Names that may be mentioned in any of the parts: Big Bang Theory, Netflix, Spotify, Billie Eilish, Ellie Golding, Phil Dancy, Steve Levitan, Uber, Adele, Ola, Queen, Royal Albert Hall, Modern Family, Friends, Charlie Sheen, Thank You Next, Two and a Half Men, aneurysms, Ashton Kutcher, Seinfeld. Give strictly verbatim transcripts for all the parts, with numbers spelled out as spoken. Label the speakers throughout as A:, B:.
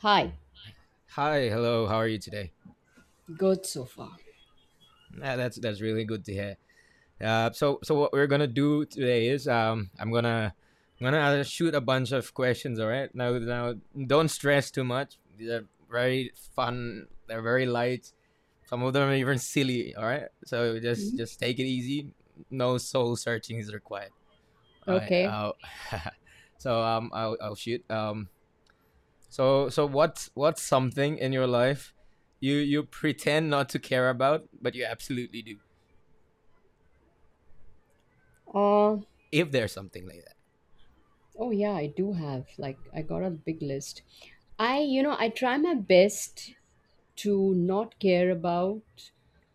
A: Hi,
B: Hi, hello. How are you today?
A: good so far.
B: Uh, that's that's really good to hear. Uh, so so what we're gonna do today is um I'm gonna I'm gonna uh, shoot a bunch of questions. All right. Now now don't stress too much. They're very fun. They're very light. Some of them are even silly. All right. So just
A: Mhm.
B: just take it easy. No soul searching is required. All right.
A: Okay.
B: Uh, so um I'll I'll shoot. Um So so what's what's something in your life you you pretend not to care about but you absolutely do
A: Uh,
B: if there's something like that.
A: oh yeah, I do have like I got a big list. I You know I try my best to not care about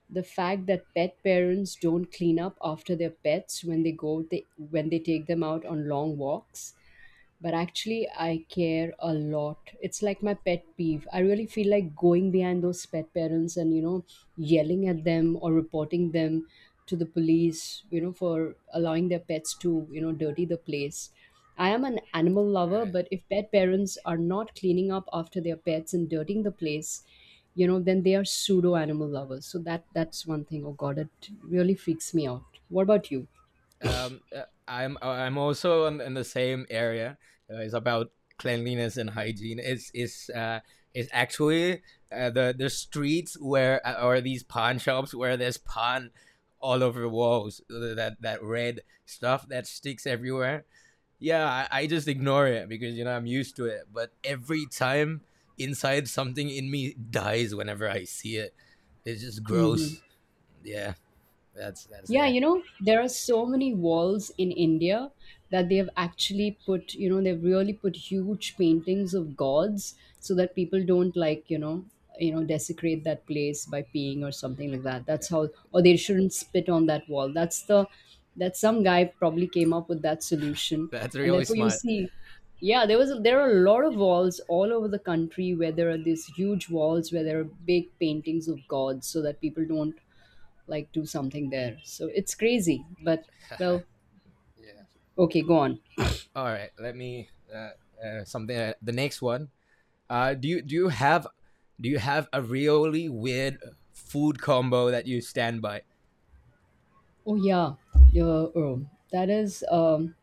A: the fact that pet parents don't clean up after their pets when they go they when they take them out on long walks, but actually I care a lot. It's like my pet peeve. I really feel like going behind those pet parents and, you know, yelling at them or reporting them to the police, you know, for allowing their pets to, you know, dirty the place. I am an animal lover,
B: Right.
A: but if pet parents are not cleaning up after their pets and dirtying the place, you know, then they are pseudo animal lovers. So that that's one thing. Oh god, it really freaks me out. What about you?
B: Um uh, I'm I'm also in, in the same area. Uh, it's about cleanliness and hygiene. It's it's uh it's actually uh, the the streets where uh, or these pawn shops where there's pawn all over the walls that that red stuff that sticks everywhere. Yeah, I, I just ignore it because you know I'm used to it. But every time inside, something in me dies whenever I see it. It's just
A: Hmm.
B: gross. Yeah, that's that's
A: Yeah,
B: there.
A: you know, there are so many walls in India that they have actually put, you know, they've really put huge paintings of gods so that people don't, like, you know, you know, desecrate that place by peeing or something like that. That's how, or they shouldn't spit on that wall. That's the, that some guy probably came up with that solution,
B: That's
A: and
B: really
A: therefore you
B: smart.
A: see, yeah, there was a, there are a lot of walls all over the country where there are these huge walls where there are big paintings of gods so that people don't like do something there. So it's crazy, but well,
B: Yeah.
A: okay, go on.
B: All right. Let me uh, uh, something. Uh, the next one. Uh, do you do you have do you have a really weird food combo that you stand by?
A: Oh yeah, yeah. Oh, that is um,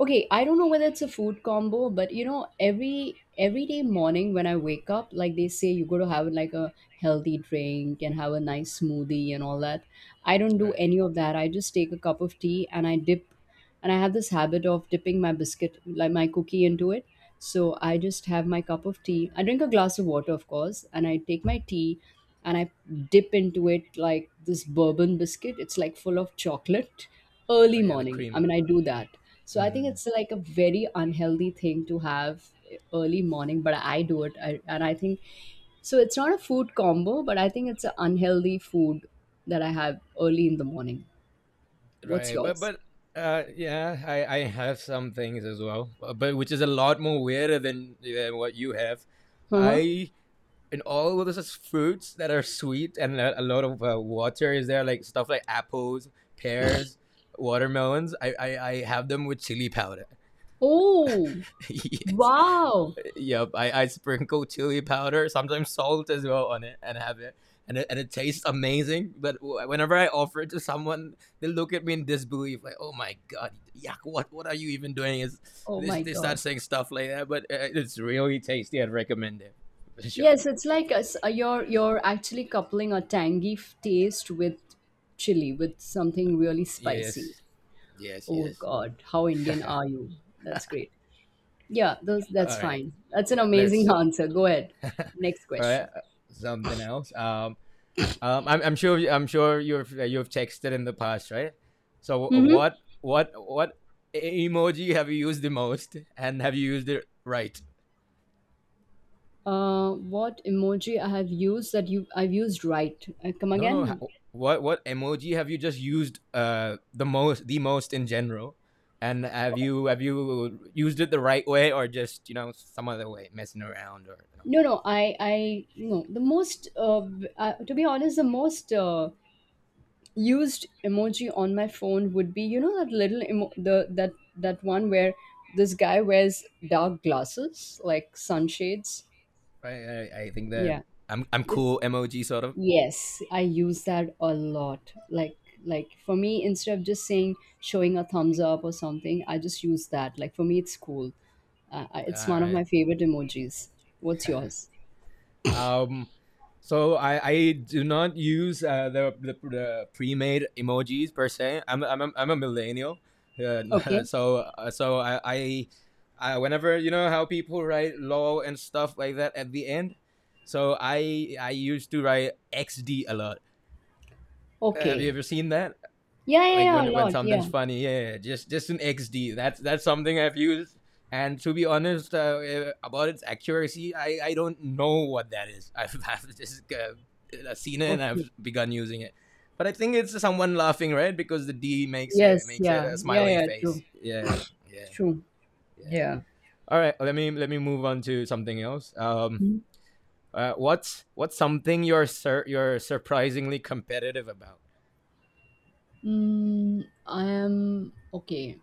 A: Okay, I don't know whether it's a food combo, but you know, every every day morning when I wake up, like they say you go to have like a healthy drink and have a nice smoothie and all that. I don't do
B: Right.
A: any of that. I just take a cup of tea and I dip, and I have this habit of dipping my biscuit like my cookie into it. So I just have my cup of tea. I drink a glass of water, of course, and I take my tea and I dip into it like this bourbon biscuit. It's like full of chocolate
B: Oh
A: early
B: yeah, the
A: morning. I
B: cream.
A: mean, I do that. So I think
B: Mm.
A: it's like a very unhealthy thing to have early morning, but I do it. I, and I think so. It's not a food combo, but I think it's an unhealthy food that I have early in the morning. What's
B: Right, but
A: yours?
B: but uh, yeah, I I have some things as well, uh, but which is a lot more weirder than, than what you have.
A: Uh-huh.
B: I And all of this is fruits that are sweet, and a, a lot of uh, water is there, like stuff like apples, pears, watermelons. I I, I have them with chili powder.
A: Oh,
B: Yes.
A: wow.
B: Yep, I, I sprinkle chili powder, sometimes salt as well, on it, and have it, and it, and it tastes amazing. But wh- whenever I offer it to someone, they look at me in disbelief, like, "Oh my god, yuck! What what are you even doing?" Is
A: Oh
B: they,
A: my
B: they start
A: God.
B: saying stuff like that, but uh, it's really tasty. I'd recommend it for sure.
A: Yes, it's like a, s- uh, you're you're actually coupling a tangy f- taste with chili with something really spicy.
B: Yes, yes,
A: Oh
B: yes.
A: God, how Indian are you? That's great. Yeah, those
B: All
A: that's
B: right,
A: fine. That's an
B: yeah.
A: amazing
B: Let's
A: answer. Go ahead. Next
B: All right.
A: question.
B: Something else. Um, Um, I'm, I'm sure I'm sure you've uh, you've texted in the past, right? So uh,
A: Mm-hmm.
B: what what what e-, emoji have you used the most, and have you used it right?
A: Uh, what emoji I have used that you I've used right? Uh, come
B: No, no.
A: again?
B: What what emoji have you just used uh the most the most in general, and have you have you used it the right way, or just you know some other way messing around, or you know?
A: No, no. I I No. The most uh, b- uh, to be honest, the most uh, used emoji on my phone would be, you know, that little emo- the that that one where this guy wears dark glasses like sunshades.
B: Right. I, I think that
A: Yeah,
B: I'm I'm
A: it's,
B: cool emoji sort of.
A: yes, I use that a lot. Like like for me, instead of just saying showing a thumbs up or something, I just use that. Like for me it's cool. Uh, I- it's
B: All
A: one of
B: right.
A: my favorite emojis. What's yours?
B: Um, so I, I do not use uh, the, the the pre-made emojis per se. I'm I'm a, I'm a millennial,
A: Okay.
B: uh, so uh, so I, I I whenever you know how people write "lol" and stuff like that at the end. So I I used to write X D a lot. Have you
A: Okay.
B: ever seen that?
A: Yeah, yeah,
B: Like
A: yeah, a
B: when when
A: lot.
B: something's
A: Yeah.
B: funny, yeah, yeah, yeah, just just an xd, that's that's something I've used. And to be honest, uh, eh, about its accuracy, i i don't know what that is. i've, I've just uh, seen it, and
A: Okay.
B: I've begun using it, but I think it's someone laughing, right? Because the d makes it
A: Yes,
B: makes it
A: yeah.
B: a
A: Yeah,
B: smiley
A: yeah,
B: face,
A: true.
B: yeah. Yeah.
A: True.
B: Yeah.
A: Yeah.
B: All right, let me let me move on to something else. Um uh, what's what's something you're sur- you're surprisingly competitive about?
A: Mm, I am okay.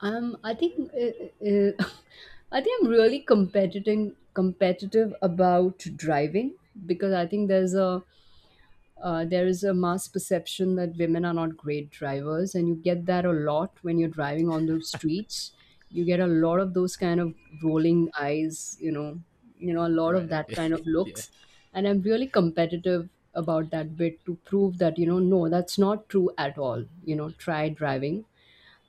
A: Um, I think uh, uh, I think I'm really competitive competitive about driving, because I think there's a, uh, there is a mass perception that women are not great drivers, and you get that a lot when you're driving on the streets. You get a lot of those kind of rolling eyes, you know, you know, a lot of
B: Right.
A: that kind of
B: Yeah.
A: looks, and I'm really competitive about that bit to prove that, you know, no, that's not true at all. You know, try driving,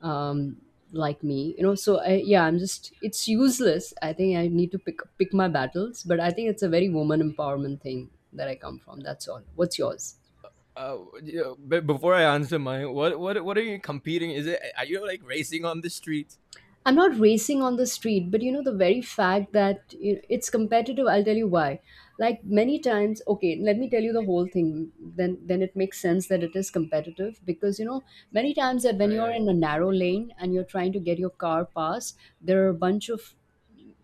A: um, like me, you know. So I, yeah, I'm just, it's useless. I think I need to pick pick my battles, but I think it's a very woman empowerment thing that I come from. That's all. What's yours?
B: Uh, yeah, but before I answer mine, what what what are you competing? Is it Are you like racing on the streets?
A: I'm not racing on the street, but you know, the very fact that you know, it's competitive, I'll tell you why. Like many times, okay, let me tell you the whole thing. Then, then it makes sense that it is competitive because you know, many times that when
B: Right,
A: you're
B: right.
A: in a narrow lane and you're trying to get your car past, there are a bunch of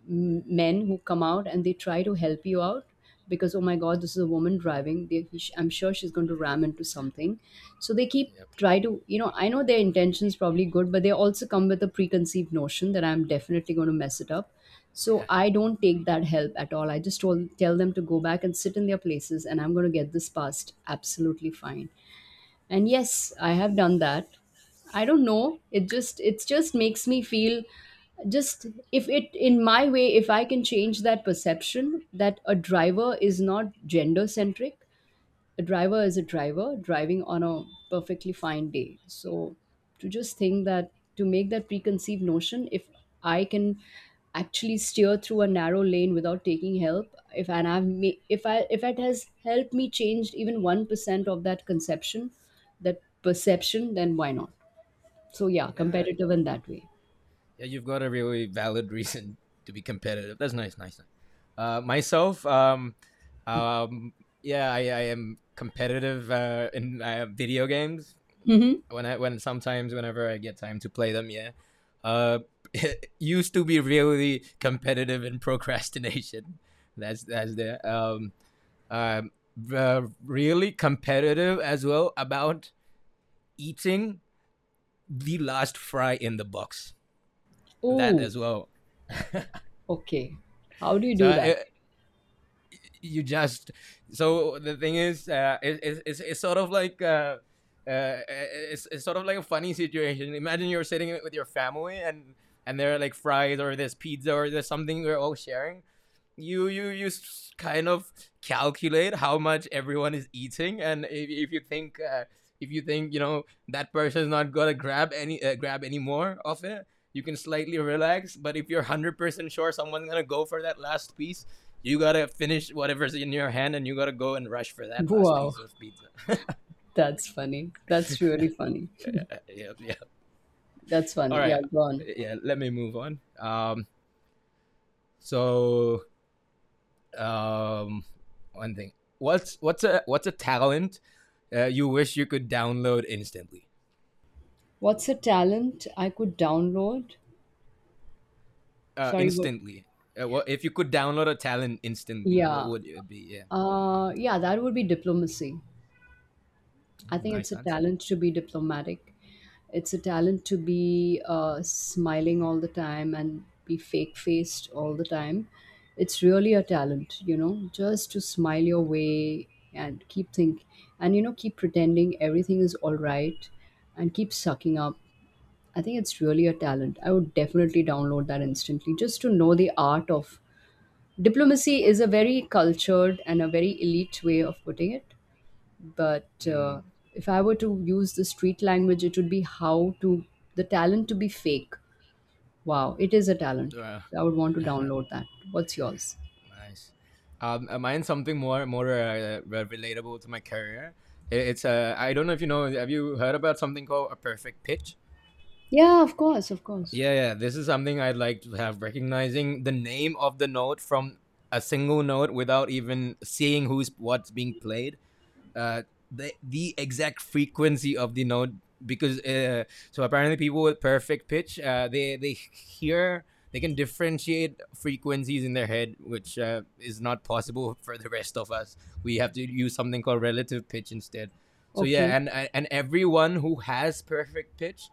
A: m- men who come out and they try to help you out because, oh my god, this is a woman driving. they, he- I'm sure she's going to ram into something, so they keep
B: Yep.
A: try to, you know, I know their intentions probably good, but they also come with a preconceived notion that I'm definitely going to mess it up. So I don't take that help at all. I just told, tell them to go back and sit in their places, and I'm going to get this passed absolutely fine. And yes, I have done that. I don't know, it just it just makes me feel just, if it in my way, if I can change that perception that a driver is not gender centric. A driver is a driver driving on a perfectly fine day. So to just think that, to make that preconceived notion, if I can actually steer through a narrow lane without taking help, if and I've ma- if I, if it has helped me change even one percent of that conception, that perception, then why not? So yeah,
B: Yeah,
A: competitive in that way.
B: yeah. You've got a really valid reason to be competitive. That's nice, nice. nice. Uh, myself, um, um, yeah, I, I am competitive uh, in uh, video games.
A: Mm-hmm.
B: When I when sometimes whenever I get time to play them, yeah. Uh, Used to be really competitive in procrastination. That's that's there. Um, um, uh, Really competitive as well about eating the last fry in the box. That
A: Oh,
B: as well.
A: okay. How do you
B: So
A: do that?
B: it, you just so the thing is, uh, it, it, it's it's sort of like. Uh, uh, it's, it's sort of like a funny situation. Imagine you're sitting with your family, and and there are like fries, or there's pizza, or there's something we're all sharing. You you you kind of calculate how much everyone is eating, and if, if you think uh, if you think you know that person's not gonna grab any uh, grab any more of it, you can slightly relax. But if you're one hundred percent sure someone's gonna go for that last piece. You gotta finish whatever's in your hand, and you gotta go and rush for that last
A: Wow,
B: piece of pizza.
A: that's funny. That's really funny.
B: Yeah, yeah.
A: That's
B: All
A: funny.
B: right,
A: Yeah, go on.
B: yeah. Let me move on. Um, so um, One thing. What's what's a what's a talent uh, you wish you could download instantly?
A: What's a talent I could download?
B: Uh,
A: Sorry, what?
B: instantly. Uh, what if you could download a talent instantly? What
A: Yeah.
B: would it be? Yeah.
A: Uh, yeah, that would be diplomacy. I
B: Mm,
A: think
B: nice
A: it's a
B: answer.
A: talent to be diplomatic. It's a talent to be uh, smiling all the time and be fake faced all the time. It's really a talent, you know, just to smile your way and keep think, and you know, keep pretending everything is all right and keep sucking up. I think it's really a talent. I would definitely download that instantly, just to know the art of diplomacy is a very cultured and a very elite way of putting it, but uh,
B: Mm,
A: if I were to use the street language, it would be how to, the talent to be fake. Wow, it is a talent.
B: uh,
A: So I would want to download that. What's yours?
B: nice. Um, uh, mine something more more uh, relatable to my career. I- It's uh, I don't know if you know. Have you heard about something called a perfect pitch?
A: Yeah, of course, of course.
B: Yeah, yeah. This is something I'd like to have: recognizing the name of the note from a single note without even seeing who's what's being played. Uh, the the exact frequency of the note, because uh, so apparently people with perfect pitch, uh, they they hear, they can differentiate frequencies in their head, which uh, is not possible for the rest of us. We have to use something called relative pitch instead. So
A: Okay.
B: yeah, and and everyone who has perfect pitch,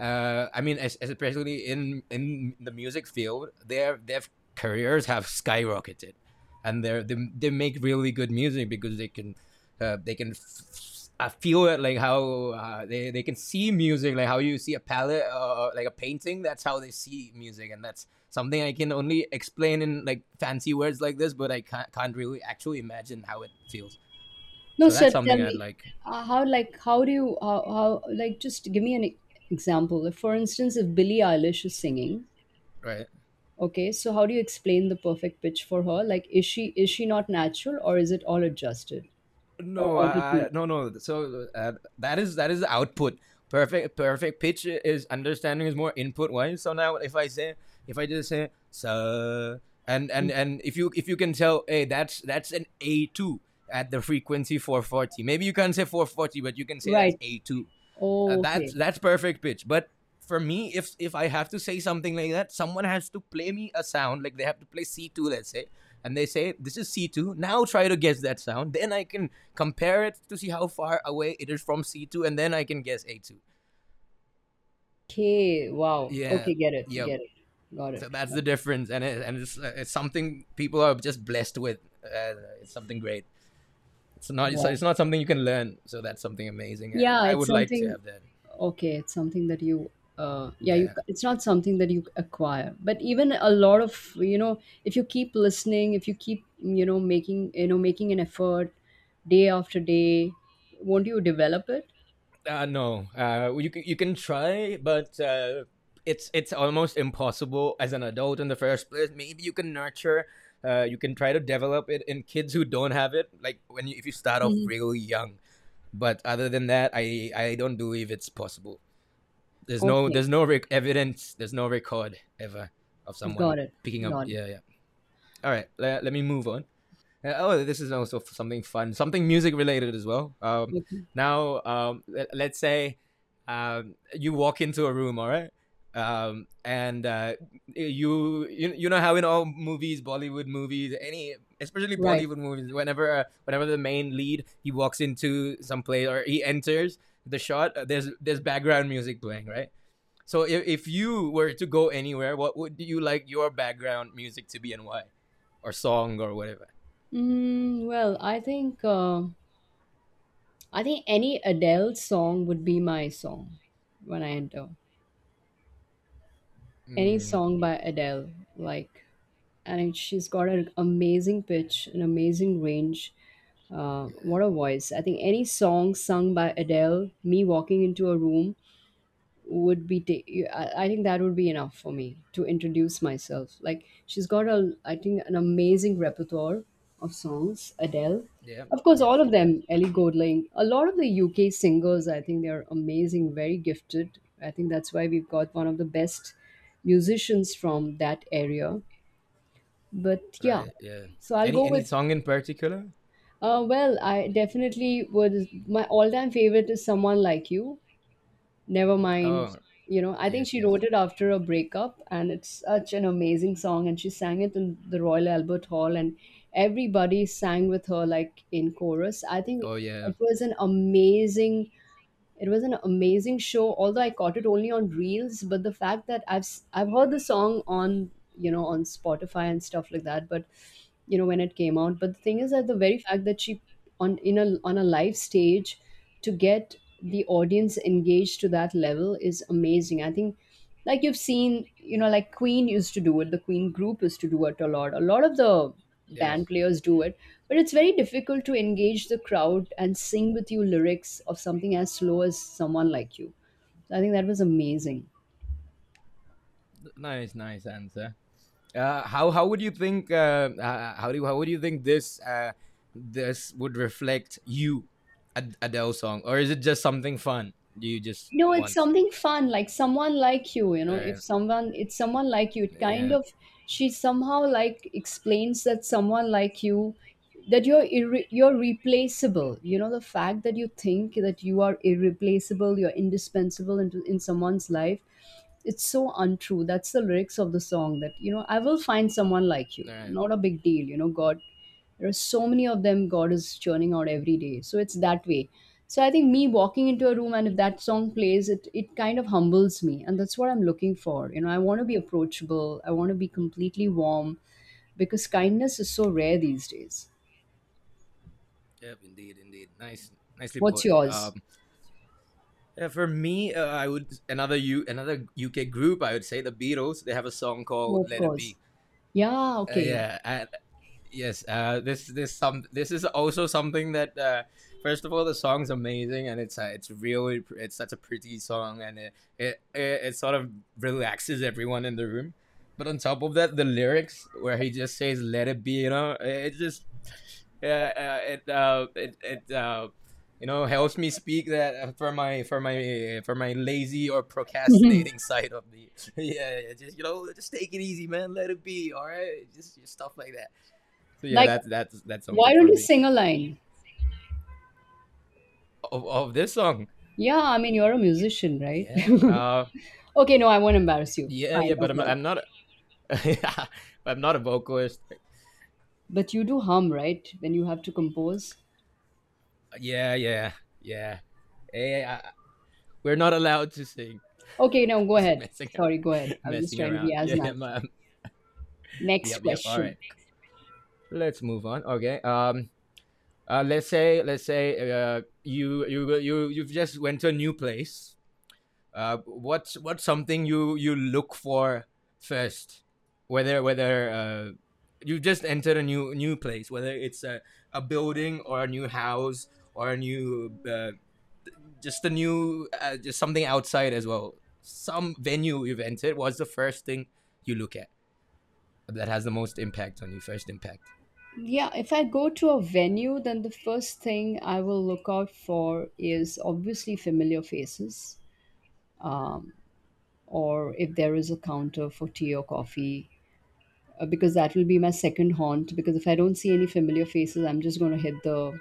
B: uh, I mean, es- especially in in the music field, their their careers have skyrocketed, and they they they make really good music because they can, uh, they can. F- I feel it like how uh, they, they can see music, like how you see a palette, or uh, like a painting. That's how they see music, and that's something I can only explain in like fancy words like this, but I can't, can't really actually imagine how it feels.
A: No
B: So that's
A: sir, tell
B: something I'd
A: me.
B: like.
A: Uh, how like how do you how, how Like just give me an e- example, if for instance, if Billie Eilish is singing.
B: Right.
A: Okay, so how do you explain the perfect pitch for her? Like, is she, is she not natural, or is it all adjusted or
B: No,
A: auto
B: I, I-
A: tuned?
B: no, no. So uh, that is that is the output. Perfect, perfect pitch is understanding, is more input wise. So now, if I say, if I just say, sir, and and and if you if you can tell, hey, that's that's an A two at the frequency four forty. Maybe you can't say four forty, but you can say that's
A: Right.
B: A two. Uh, that's
A: Okay.
B: that's perfect pitch. But for me, if if I have to say something like that, someone has to play me a sound. Like they have to play C two, let's say, and they say this is C two. Now try to guess that sound. Then I can compare it to see how far away it is from C two, and then I can guess A two.
A: Okay. Wow.
B: Yeah,
A: Okay. Get it.
B: yeah.
A: Get it. Got it.
B: So that's
A: Got
B: the
A: it.
B: difference, and it, and it's uh, it's something people are just blessed with. Uh, it's something great. It's not it's,
A: Wow.
B: it's not something you can learn. So that's something amazing, and
A: Yeah,
B: I
A: it's
B: would like to
A: something.
B: have that.
A: Okay, it's something that you. Uh, yeah, you.
B: Yeah.
A: It's not something that you acquire, but even a lot of, you know, if you keep listening, if you keep, you know, making, you know, making an effort, day after day, won't you develop it?
B: Uh, no, uh, you c- you can try, but uh, it's it's almost impossible as an adult in the first place. Maybe you can nurture. Uh, you can try to develop it in kids who don't have it, like when you, if you start off
A: Hmm.
B: really young. But other than that, I I don't believe it's possible. There's no
A: Okay.
B: there's no rec- evidence. There's no record ever of someone
A: Got it.
B: picking up.
A: Got it.
B: Yeah, yeah. All right, let, let me move on. Uh, oh, this is also something fun, something music related as well. Um,
A: Okay.
B: now, um, let's say um, you walk into a room, all right, um, and uh, you, you you know how in all movies, Bollywood movies, any especially
A: Right.
B: Bollywood movies, whenever uh, whenever the main lead he walks into some place or he enters the shot, uh, there's there's background music playing, right? So if, if you were to go anywhere, what would you like your background music to be, and why, or song or whatever?
A: Mm, well, I think uh, I think any Adele song would be my song when I enter. Any
B: Mm.
A: song by Adele, like, and it, she's got an amazing pitch, an amazing range. Uh,
B: Yeah.
A: what a voice! I think any song sung by Adele, me walking into a room, would be ta- I I think that would be enough for me to introduce myself. Like she's got a, I think, an amazing repertoire of songs. Adele,
B: Yep.
A: of course,
B: Yep.
A: all
B: She
A: of
B: does.
A: them. Ellie Golding, a lot of the U K singers. I think they're amazing, very gifted. I think that's why we've got one of the best musicians from that area. But yeah,
B: Right. Yeah.
A: so I'll
B: Any
A: go
B: any
A: with.
B: song in particular?
A: Uh, well, I definitely would. My all-time favorite is Someone Like You. Never mind.
B: Oh
A: You know, I think
B: yes,
A: she
B: yes.
A: wrote it after a breakup, and it's such an amazing song. And she sang it in the Royal Albert Hall, and everybody sang with her like in chorus. I think
B: Oh yeah.
A: it was an amazing, it was an amazing show, although I caught it only on reels. But the fact that I've s- I've heard the song on, you know, on Spotify and stuff like that, but you know when it came out. But the thing is that the very fact that she, on in a on a live stage to get the audience engaged to that level is amazing. I think like you've seen you know like Queen used to do it. The queen group used to do it a lot. A lot of the band
B: Yes.
A: players do it, but it's very difficult to engage the crowd and sing with you lyrics of something as slow as Someone Like You. So, i think that was amazing.
B: Nice, nice answer. Uh, how how would you think? Uh, uh, how do you, how would you think this uh, this would reflect you, Ad- Adele song, or is it just something fun? Do you just
A: No, it's
B: want?
A: something fun, like Someone Like you, you know, if
B: Right.
A: someone, it's someone like you, it kind
B: Yeah.
A: of, she somehow like explains that someone like you, that you're irre- you're replaceable. You know, the fact that you think that you are irreplaceable, you're indispensable in, in someone's life, it's so untrue. That's the lyrics of the song that, you know, I will find someone like you.
B: Right.
A: Not a big deal, you know, God, there are so many of them. God is churning out every day, so it's that way. So i think me walking into a room and if that song plays, it it kind of humbles me, and that's what i'm looking for. You know, I want to be approachable, I want to be completely warm, because kindness is so rare these days.
B: Yep. Indeed. Indeed. Nice. Nicely
A: What's
B: put.
A: yours?
B: Um. Yeah, for me, uh, I would, another U another U K group, I would say the Beatles. They have a song called
A: Oh, of
B: "Let It
A: course.
B: Be."
A: Yeah,
B: Uh,
A: okay, yeah.
B: yeah, and yes uh this this some this is also something that. Uh first of all the song's amazing, and it's uh, it's really pr- it's such a pretty song, and it, it it it sort of relaxes everyone in the room. But on top of that, the lyrics where he just says "let it be," you know it it just yeah uh, it uh it it uh you know helps me speak that. Uh, for my for my for my lazy or procrastinating side of me. yeah yeah, just you know just take it easy, man. Let it be, all right? Just, just stuff like that. So yeah,
A: Like,
B: that's that's that's
A: why
B: something
A: don't
B: for
A: you
B: me.
A: sing a line?
B: Of, of this song,
A: Yeah, I mean, you're a musician, right?
B: yeah, uh,
A: Okay, no, I won't embarrass you.
B: yeah, yeah.
A: Fine, no
B: But I'm
A: problem.
B: I'm not a, I'm not a vocalist.
A: But you do hum, right, when you have to compose?
B: Yeah, yeah, yeah. Hey, I, we're not allowed to sing.
A: Okay, now go
B: Just
A: ahead.
B: messing
A: Sorry, go ahead. I was just
B: messing
A: trying to
B: around.
A: be as
B: Yeah, I'm,
A: natural.
B: I'm-
A: Next
B: yep, yep. All right,
A: question.
B: let's move on. Okay. Um. Uh, let's say let's say uh, you you you you've just went to a new place. Uh, what's what's something you you look for first, whether whether uh, you just enter a new new place, whether it's a, a building, or a new house, or a new uh, just a new uh, just something outside as well, some venue you've entered. What's the first thing you look at that has the most impact on you? First impact.
A: Yeah, if I go to a venue, then the first thing I will look out for is obviously familiar faces, um, or if there is a counter for tea or coffee, uh, because that will be my second haunt. Because if I don't see any familiar faces, I'm just going to hit the,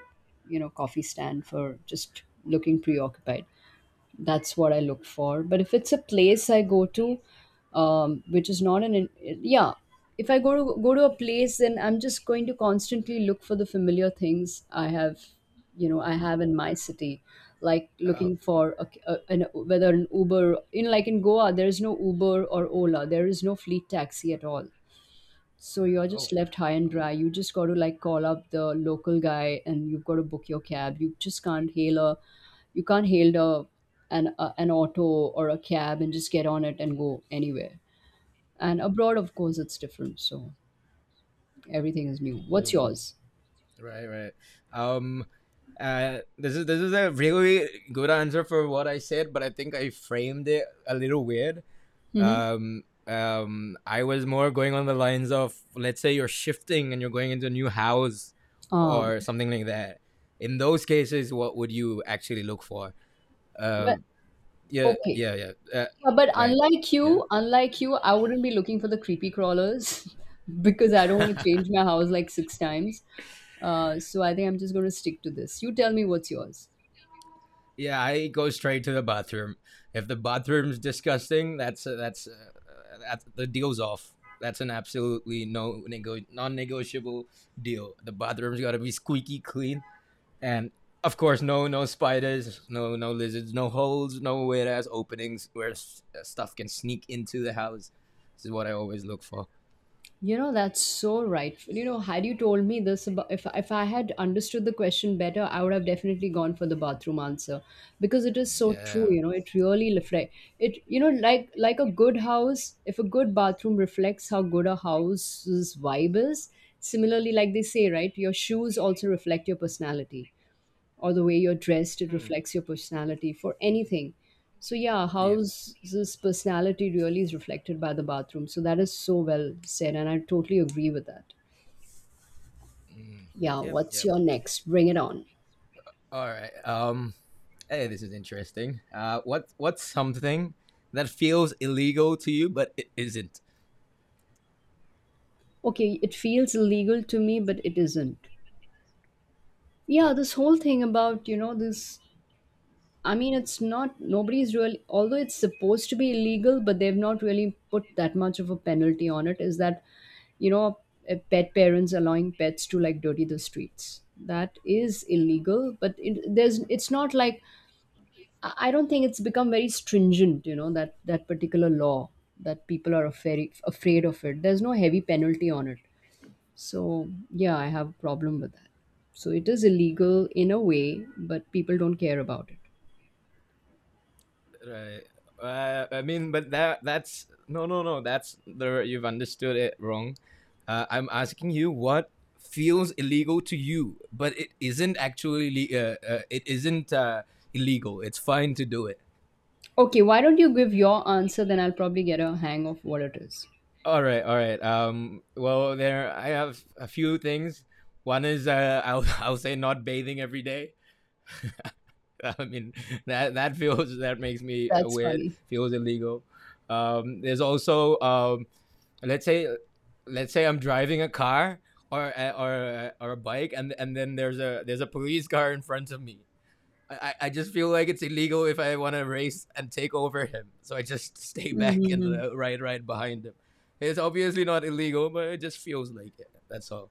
A: you know, coffee stand for just looking preoccupied. That's what I look for. But if it's a place I go to, um, which is not an, yeah, if I go to go to a place, then I'm just going to constantly look for the familiar things I have, you know, I have in my city, like
B: uh,
A: looking for a, a, an, whether an Uber, in like in Goa, there is no Uber or Ola, there is no fleet taxi at all. So you're
B: oh
A: just left high and dry. You just got to like call up the local guy and you've got to book your cab. You just can't hail a you can't hail a an a, an auto or a cab and just get on it and go anywhere. And abroad of course it's different. So everything is new. What's
B: mm.
A: yours?
B: Right, right. Um, uh, this is this is a really good answer for what I said, but I think I framed it a little weird.
A: Mhm.
B: Um, um, I was more going on the lines of, let's say you're shifting and you're going into a new house
A: Ah,
B: or something like that. In those cases, what would you actually look for? Uh,
A: well,
B: yeah,
A: okay.
B: yeah, yeah. Uh,
A: Yeah, but
B: right.
A: unlike
B: Yeah.
A: you, unlike you, I wouldn't be looking for the creepy crawlers because I don't want to change my house like six times. Uh, so I think I'm just going to stick to this. You tell me what's yours.
B: Yeah, I go straight to the bathroom. If the bathroom's disgusting, that's uh, that's uh, that's the deal's off. That's an absolutely no nego- non-negotiable deal. The bathroom's got to be squeaky clean, and of course, no no spiders, no no lizards, no holes, no weird ass openings where s- uh, stuff can sneak into the house. This is what I always look for.
A: You know, that's so right. You know, had you told me this about, if if I had understood the question better, I would have definitely gone for the bathroom answer, because it is so true,
B: Yeah.
A: you know, it really reflect it you know, like like a good house, if a good bathroom reflects how good a house's vibe is, similarly like they say, right, your shoes also reflect your personality, or the way you're dressed, it
B: Hmm.
A: reflects your personality for anything. So yeah,
B: Yes.
A: how's this personality really is reflected by the bathroom. So that is so well said, and I totally agree with that.
B: Mm.
A: Yeah,
B: Yep.
A: what's
B: Yep.
A: your next? Bring it on.
B: All right. Um. Hey, this is interesting. Uh, what what's something that feels illegal to you but it isn't?
A: Okay, it feels illegal to me, but it isn't. Yeah,
B: Yep.
A: this whole thing about, you know, this I mean, it's not, nobody's really, although it's supposed to be illegal, but they've not really put that much of a penalty on it. Is that, you know, eh, pet parents allowing pets to like dirty the streets? That is illegal, but it, there's, it's not like, I I don't think it's become very stringent, you know, that, that particular law, that people are very afraid of it. There's no heavy penalty on it. So, yeah, I have a problem with that. So, it is illegal in a way, but people don't care about it.
B: Right. Uh, I mean, but that that's no, no, no. That's the— you've understood it wrong. Uh, I'm asking you what feels illegal to you, but it isn't actually— uh, uh, it isn't uh, illegal. It's fine to do it.
A: Okay, why don't you give your answer? Then I'll probably get a hang of what it is.
B: All right, all right. Um, well, there I have a few things. One is uh, I'll I'll say not bathing every day. I mean, that that feels— that makes me
A: That's
B: weird.
A: funny.
B: Feels illegal. Um, there's also. Um, let's say let's say I'm driving a car, or or or a bike, and and then there's a there's a police car in front of me. I, I just feel like it's illegal if I want to race and take over him, so I just stay back and
A: Mm-hmm.
B: uh, ride right behind him. It's obviously not illegal, but it just feels like it. That's all.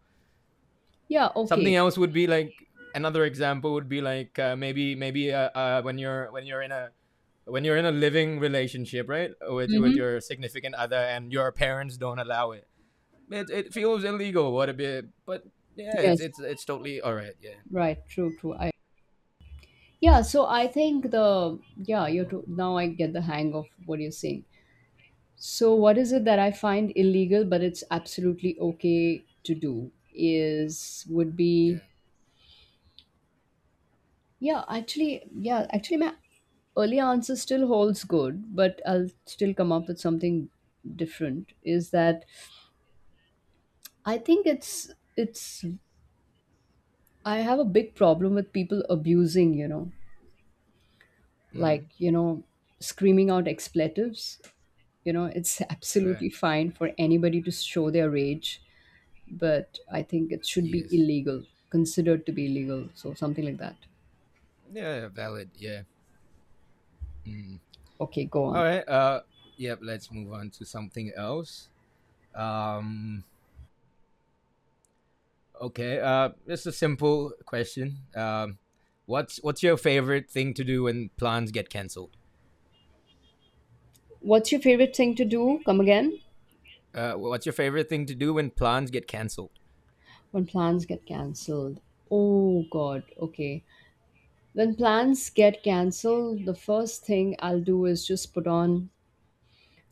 A: Yeah.
B: Something
A: Okay.
B: else would be like, another example would be like, uh, maybe maybe uh, uh, when you're when you're in a when you're in a living relationship, right, with with
A: Mm-hmm.
B: your significant other, and your parents don't allow it, it it feels illegal. What a bit, but yeah, it's
A: Yes.
B: it's it's totally all right. Yeah,
A: Right. True. True. I. Yeah. So I think the yeah you're too, now I get the hang of what you're saying. So what is it that I find illegal but it's absolutely okay to do, is would
B: yeah,
A: be, yeah, actually, yeah actually my early answer still holds good, but I'll still come up with something different, is that I think it's it's I have a big problem with people abusing, you know, like,
B: mm,
A: you know, screaming out expletives. You know, it's
B: right,
A: absolutely fine for anybody to show their rage, but I think it should be
B: yes,
A: illegal, considered to be illegal, so something like that.
B: yeah, valid. Yeah, mm.
A: Okay, go
B: All
A: on.
B: right. Uh, yep. Yeah, let's move on to something else. Um, okay. Uh, just a simple question. Um, what's what's your favorite thing to do when plans get canceled?
A: What's your favorite thing to do? Come again?
B: Uh, what's your favorite thing to do when plans get canceled?
A: When plans get cancelled. Oh God, okay. When plans get cancelled, the first thing I'll do is just put on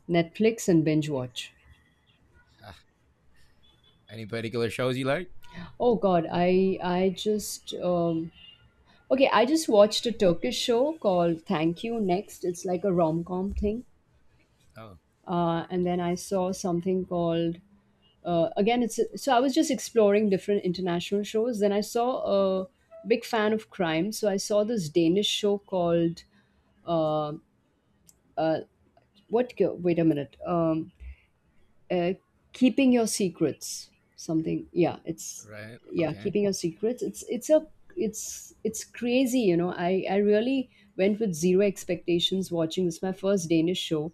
A: Netflix and binge watch.
B: Any particular shows you like?
A: Oh God, I I just um, okay. I just watched a Turkish show called Thank You Next. It's like a rom com thing.
B: Oh,
A: Uh, and then I saw something called uh, again. It's so I was just exploring different international shows. Then I saw a big fan of crime, so I saw this Danish show called uh, uh, what? Wait a minute. Um, uh, Keeping Your Secrets, something, yeah, it's
B: right.
A: yeah,
B: Okay.
A: Keeping Your Secrets. It's it's a it's it's crazy, you know, i i really went with zero expectations watching this, my first Danish show.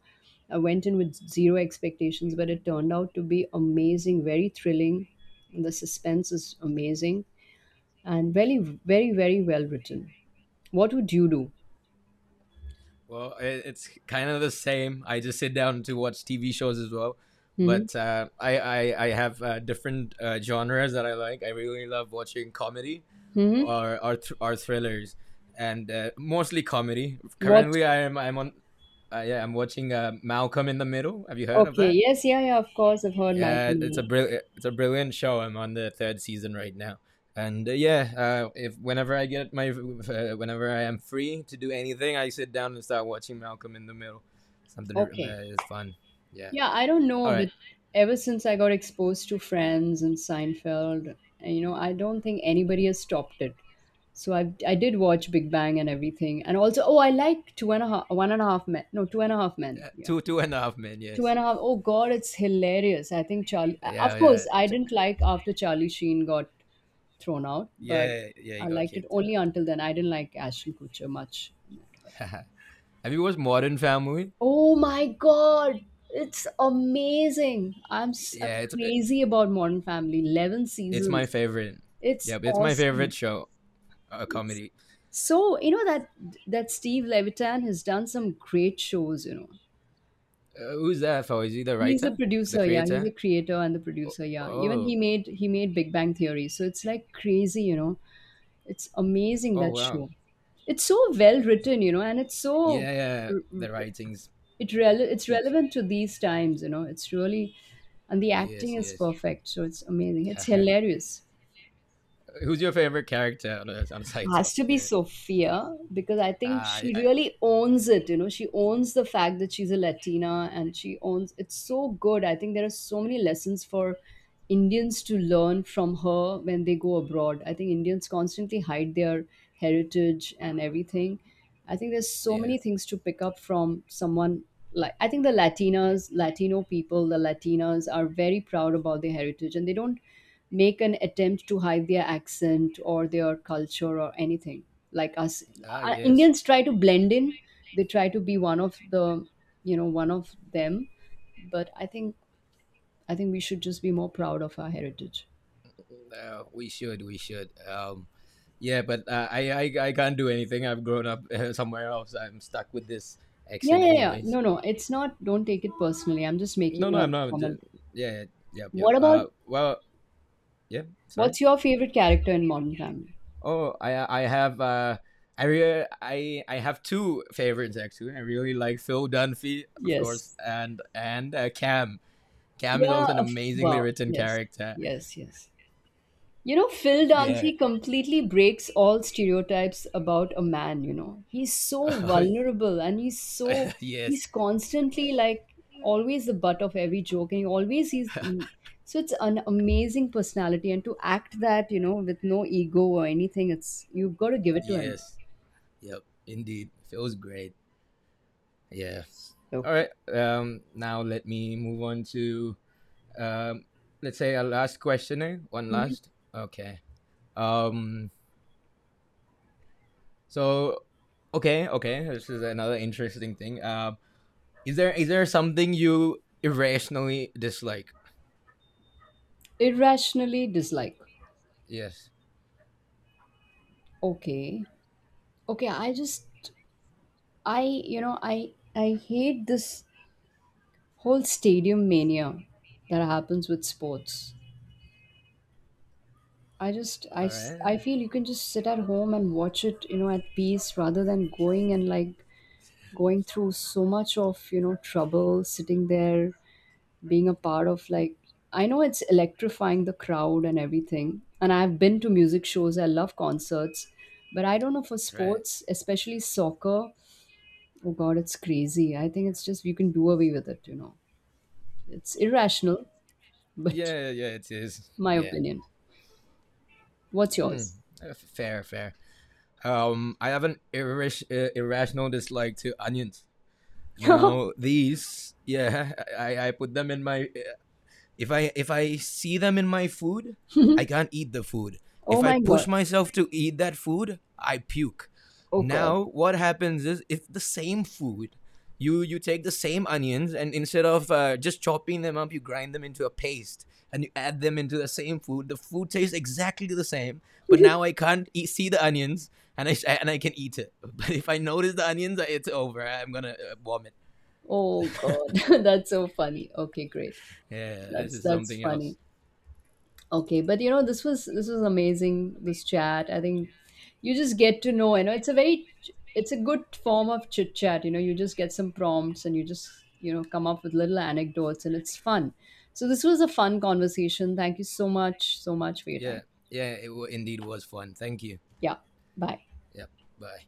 A: I went in with zero expectations, but it turned out to be amazing. Very thrilling. The suspense is amazing, and very, very, very well written. What would you do?
B: Well, it, it's kind of the same. I just sit down to watch T V shows as well,
A: Hmm.
B: but uh, I, I I have uh, different uh, genres that I like. I really love watching comedy,
A: Hmm.
B: or or, th- or thrillers, and uh, mostly comedy.
A: What?
B: Currently, I am I'm on. Uh, yeah, I'm watching uh, Malcolm in the Middle. Have you heard of
A: Okay,
B: that?
A: yes, yeah, yeah, of course I've heard. My,
B: Yeah, it's a brilliant— it's a brilliant show. I'm on the third season right now, and uh, yeah, uh, if— whenever I get my uh, whenever I am free to do anything, I sit down and start watching Malcolm in the Middle. Something uh,
A: okay.
B: is fun. Yeah.
A: Yeah, I don't
B: All
A: know,
B: right.
A: but ever since I got exposed to Friends and Seinfeld, you know, I don't think anybody has stopped it. So I I did watch Big Bang and everything, and also, oh, I like Two and a Half One and a Half Men no Two and a Half Men,
B: Uh,
A: yeah.
B: two two and a half men.
A: Two
B: Yes.
A: and a Half, oh God, it's hilarious. I think Charlie,
B: Yeah,
A: of
B: yeah,
A: course, I
B: Ch-
A: didn't like after Charlie Sheen got thrown out, but
B: yeah, yeah, he
A: I
B: got
A: liked it
B: kicked out.
A: only until then. I didn't like Ashton Kutcher much, but
B: Have you watched Modern Family?
A: Oh my God, it's amazing. I'm s-
B: Yeah,
A: I'm
B: it's
A: crazy about Modern Family. eleven
B: it's my
A: seasons.
B: favorite.
A: It's
B: Yeah, it's my
A: awesome.
B: favorite show. A
A: It's
B: comedy.
A: so, you know that that Steve Levitan has done some great shows, you know.
B: Uh, who's that for? Is he the
A: He's a
B: writer, the
A: producer, yeah. He's
B: creator?
A: a creator and the
B: Oh,
A: producer, yeah. Even
B: oh.
A: he made he made Big Bang Theory. So it's like crazy, you know. It's amazing,
B: Oh
A: that
B: wow.
A: show. It's so well written, you know, and it's so
B: Yeah, yeah, the writing's
A: it rele- it's
B: peak.
A: relevant to these times, you know, it's really, and the
B: Yes,
A: acting is
B: yes.
A: perfect, so it's amazing, it's hilarious.
B: Who's your favorite character on a, on a side
A: Has to
B: topic?
A: be
B: Yeah.
A: Sophia, because I think
B: Ah, I-
A: she really
B: I-
A: owns it. You know, she owns the fact that she's a Latina, and she owns it's so good. I think there are so many lessons for Indians to learn from her when they go abroad. I think Indians constantly hide their heritage and everything. I think there's so
B: yeah.
A: many things to pick up from someone like, I think the Latinas, Latino people, the Latinas are very proud about their heritage and they don't make an attempt to hide their accent or their culture or anything. Like us,
B: Ah,
A: uh,
B: yes.
A: Indians try to blend in, they try to be one of the, you know, one of them, but I think I think we should just be more proud of our heritage.
B: Uh, we should, we should. Um, yeah, but uh, I, I, I can't do anything. I've grown up uh, somewhere else. I'm stuck with this
A: Yeah,
B: action,
A: yeah, yeah.
B: anyways.
A: No, no, it's not, don't take it personally. I'm just
B: No,
A: making
B: no,
A: a
B: I'm not. Ju-
A: comment.
B: yeah, yeah, yep, yep.
A: What about,
B: Uh, well, yeah. Sorry.
A: what's your favorite character in Modern Family?
B: Oh, I I have uh, I re- I I have two favorites actually. I really like Phil Dunphy, of course,
A: Yes.
B: and and uh, Cam. Cam is
A: Yeah.
B: also an
A: Of.
B: amazingly
A: Wow.
B: written
A: Yes.
B: character.
A: Yes. Yes. You know, Phil
B: Yeah.
A: Dancy completely breaks all stereotypes about a man. You know, he's so vulnerable and he's
B: Oh,
A: so,
B: yes.
A: he's constantly like always the butt of every joke, and he always he's. So it's an amazing personality, and to act that, you know, with no ego or anything, it's, you've got to give it to him.
B: yes. Yep. Indeed. Phil's great. Yeah. All
A: Okay.
B: right. Um. Now let me move on to. um. Let's say a last question. Eh? One
A: Mhm.
B: last. Okay. Um. So. Okay. Okay. This is another interesting thing. Um Is there is there something you irrationally dislike?
A: Irrationally dislike.
B: Yes.
A: Okay. Okay, I just I, you know, I I hate this whole stadium mania that happens with sports. I just I
B: All
A: s-
B: right.
A: I feel you can just sit at home and watch it, you know, at peace, rather than going and like going through so much of, you know, trouble sitting there, being a part of like, I know it's electrifying the crowd and everything. And I've been to music shows, I love concerts, but I don't know, for
B: Right.
A: sports, especially soccer, oh God, it's crazy. I think it's just, you can do away with it, you know. It's irrational, but
B: Yeah. Yeah. It is.
A: my
B: Yeah.
A: opinion. What's
B: Hmm.
A: yours?
B: Uh, Fair. Fair. Um. I have an irris- uh, irrational dislike to onions. Now these. Yeah. I I put them in my uh, if I if I see them in my food, I can't eat the food. If
A: Oh
B: I
A: my God.
B: push myself to eat that food, I puke.
A: Oh God.
B: Now what happens is, if the same food— you you take the same onions and instead of uh, just chopping them up, you grind them into a paste and you add them into the same food, the food tastes exactly the same, but now I can't eat— see the onions, and I and i can eat it. But if I notice the onions, it's over, I'm gonna uh, vomit.
A: Oh God. That's so funny. Okay, great.
B: Yeah, this
A: That's
B: is
A: that's
B: something else.
A: funny. Okay, but you know, this was this was amazing. This chat, I think, you just get to know. You know, it's a very, it's a good form of chit chat. You know, you just get some prompts and you just, you know, come up with little anecdotes, and it's fun. So this was a fun conversation. Thank you so much, so much for your
B: Yeah,
A: time.
B: yeah, it w- indeed was fun. Thank you.
A: Yeah, bye.
B: Yep. Bye.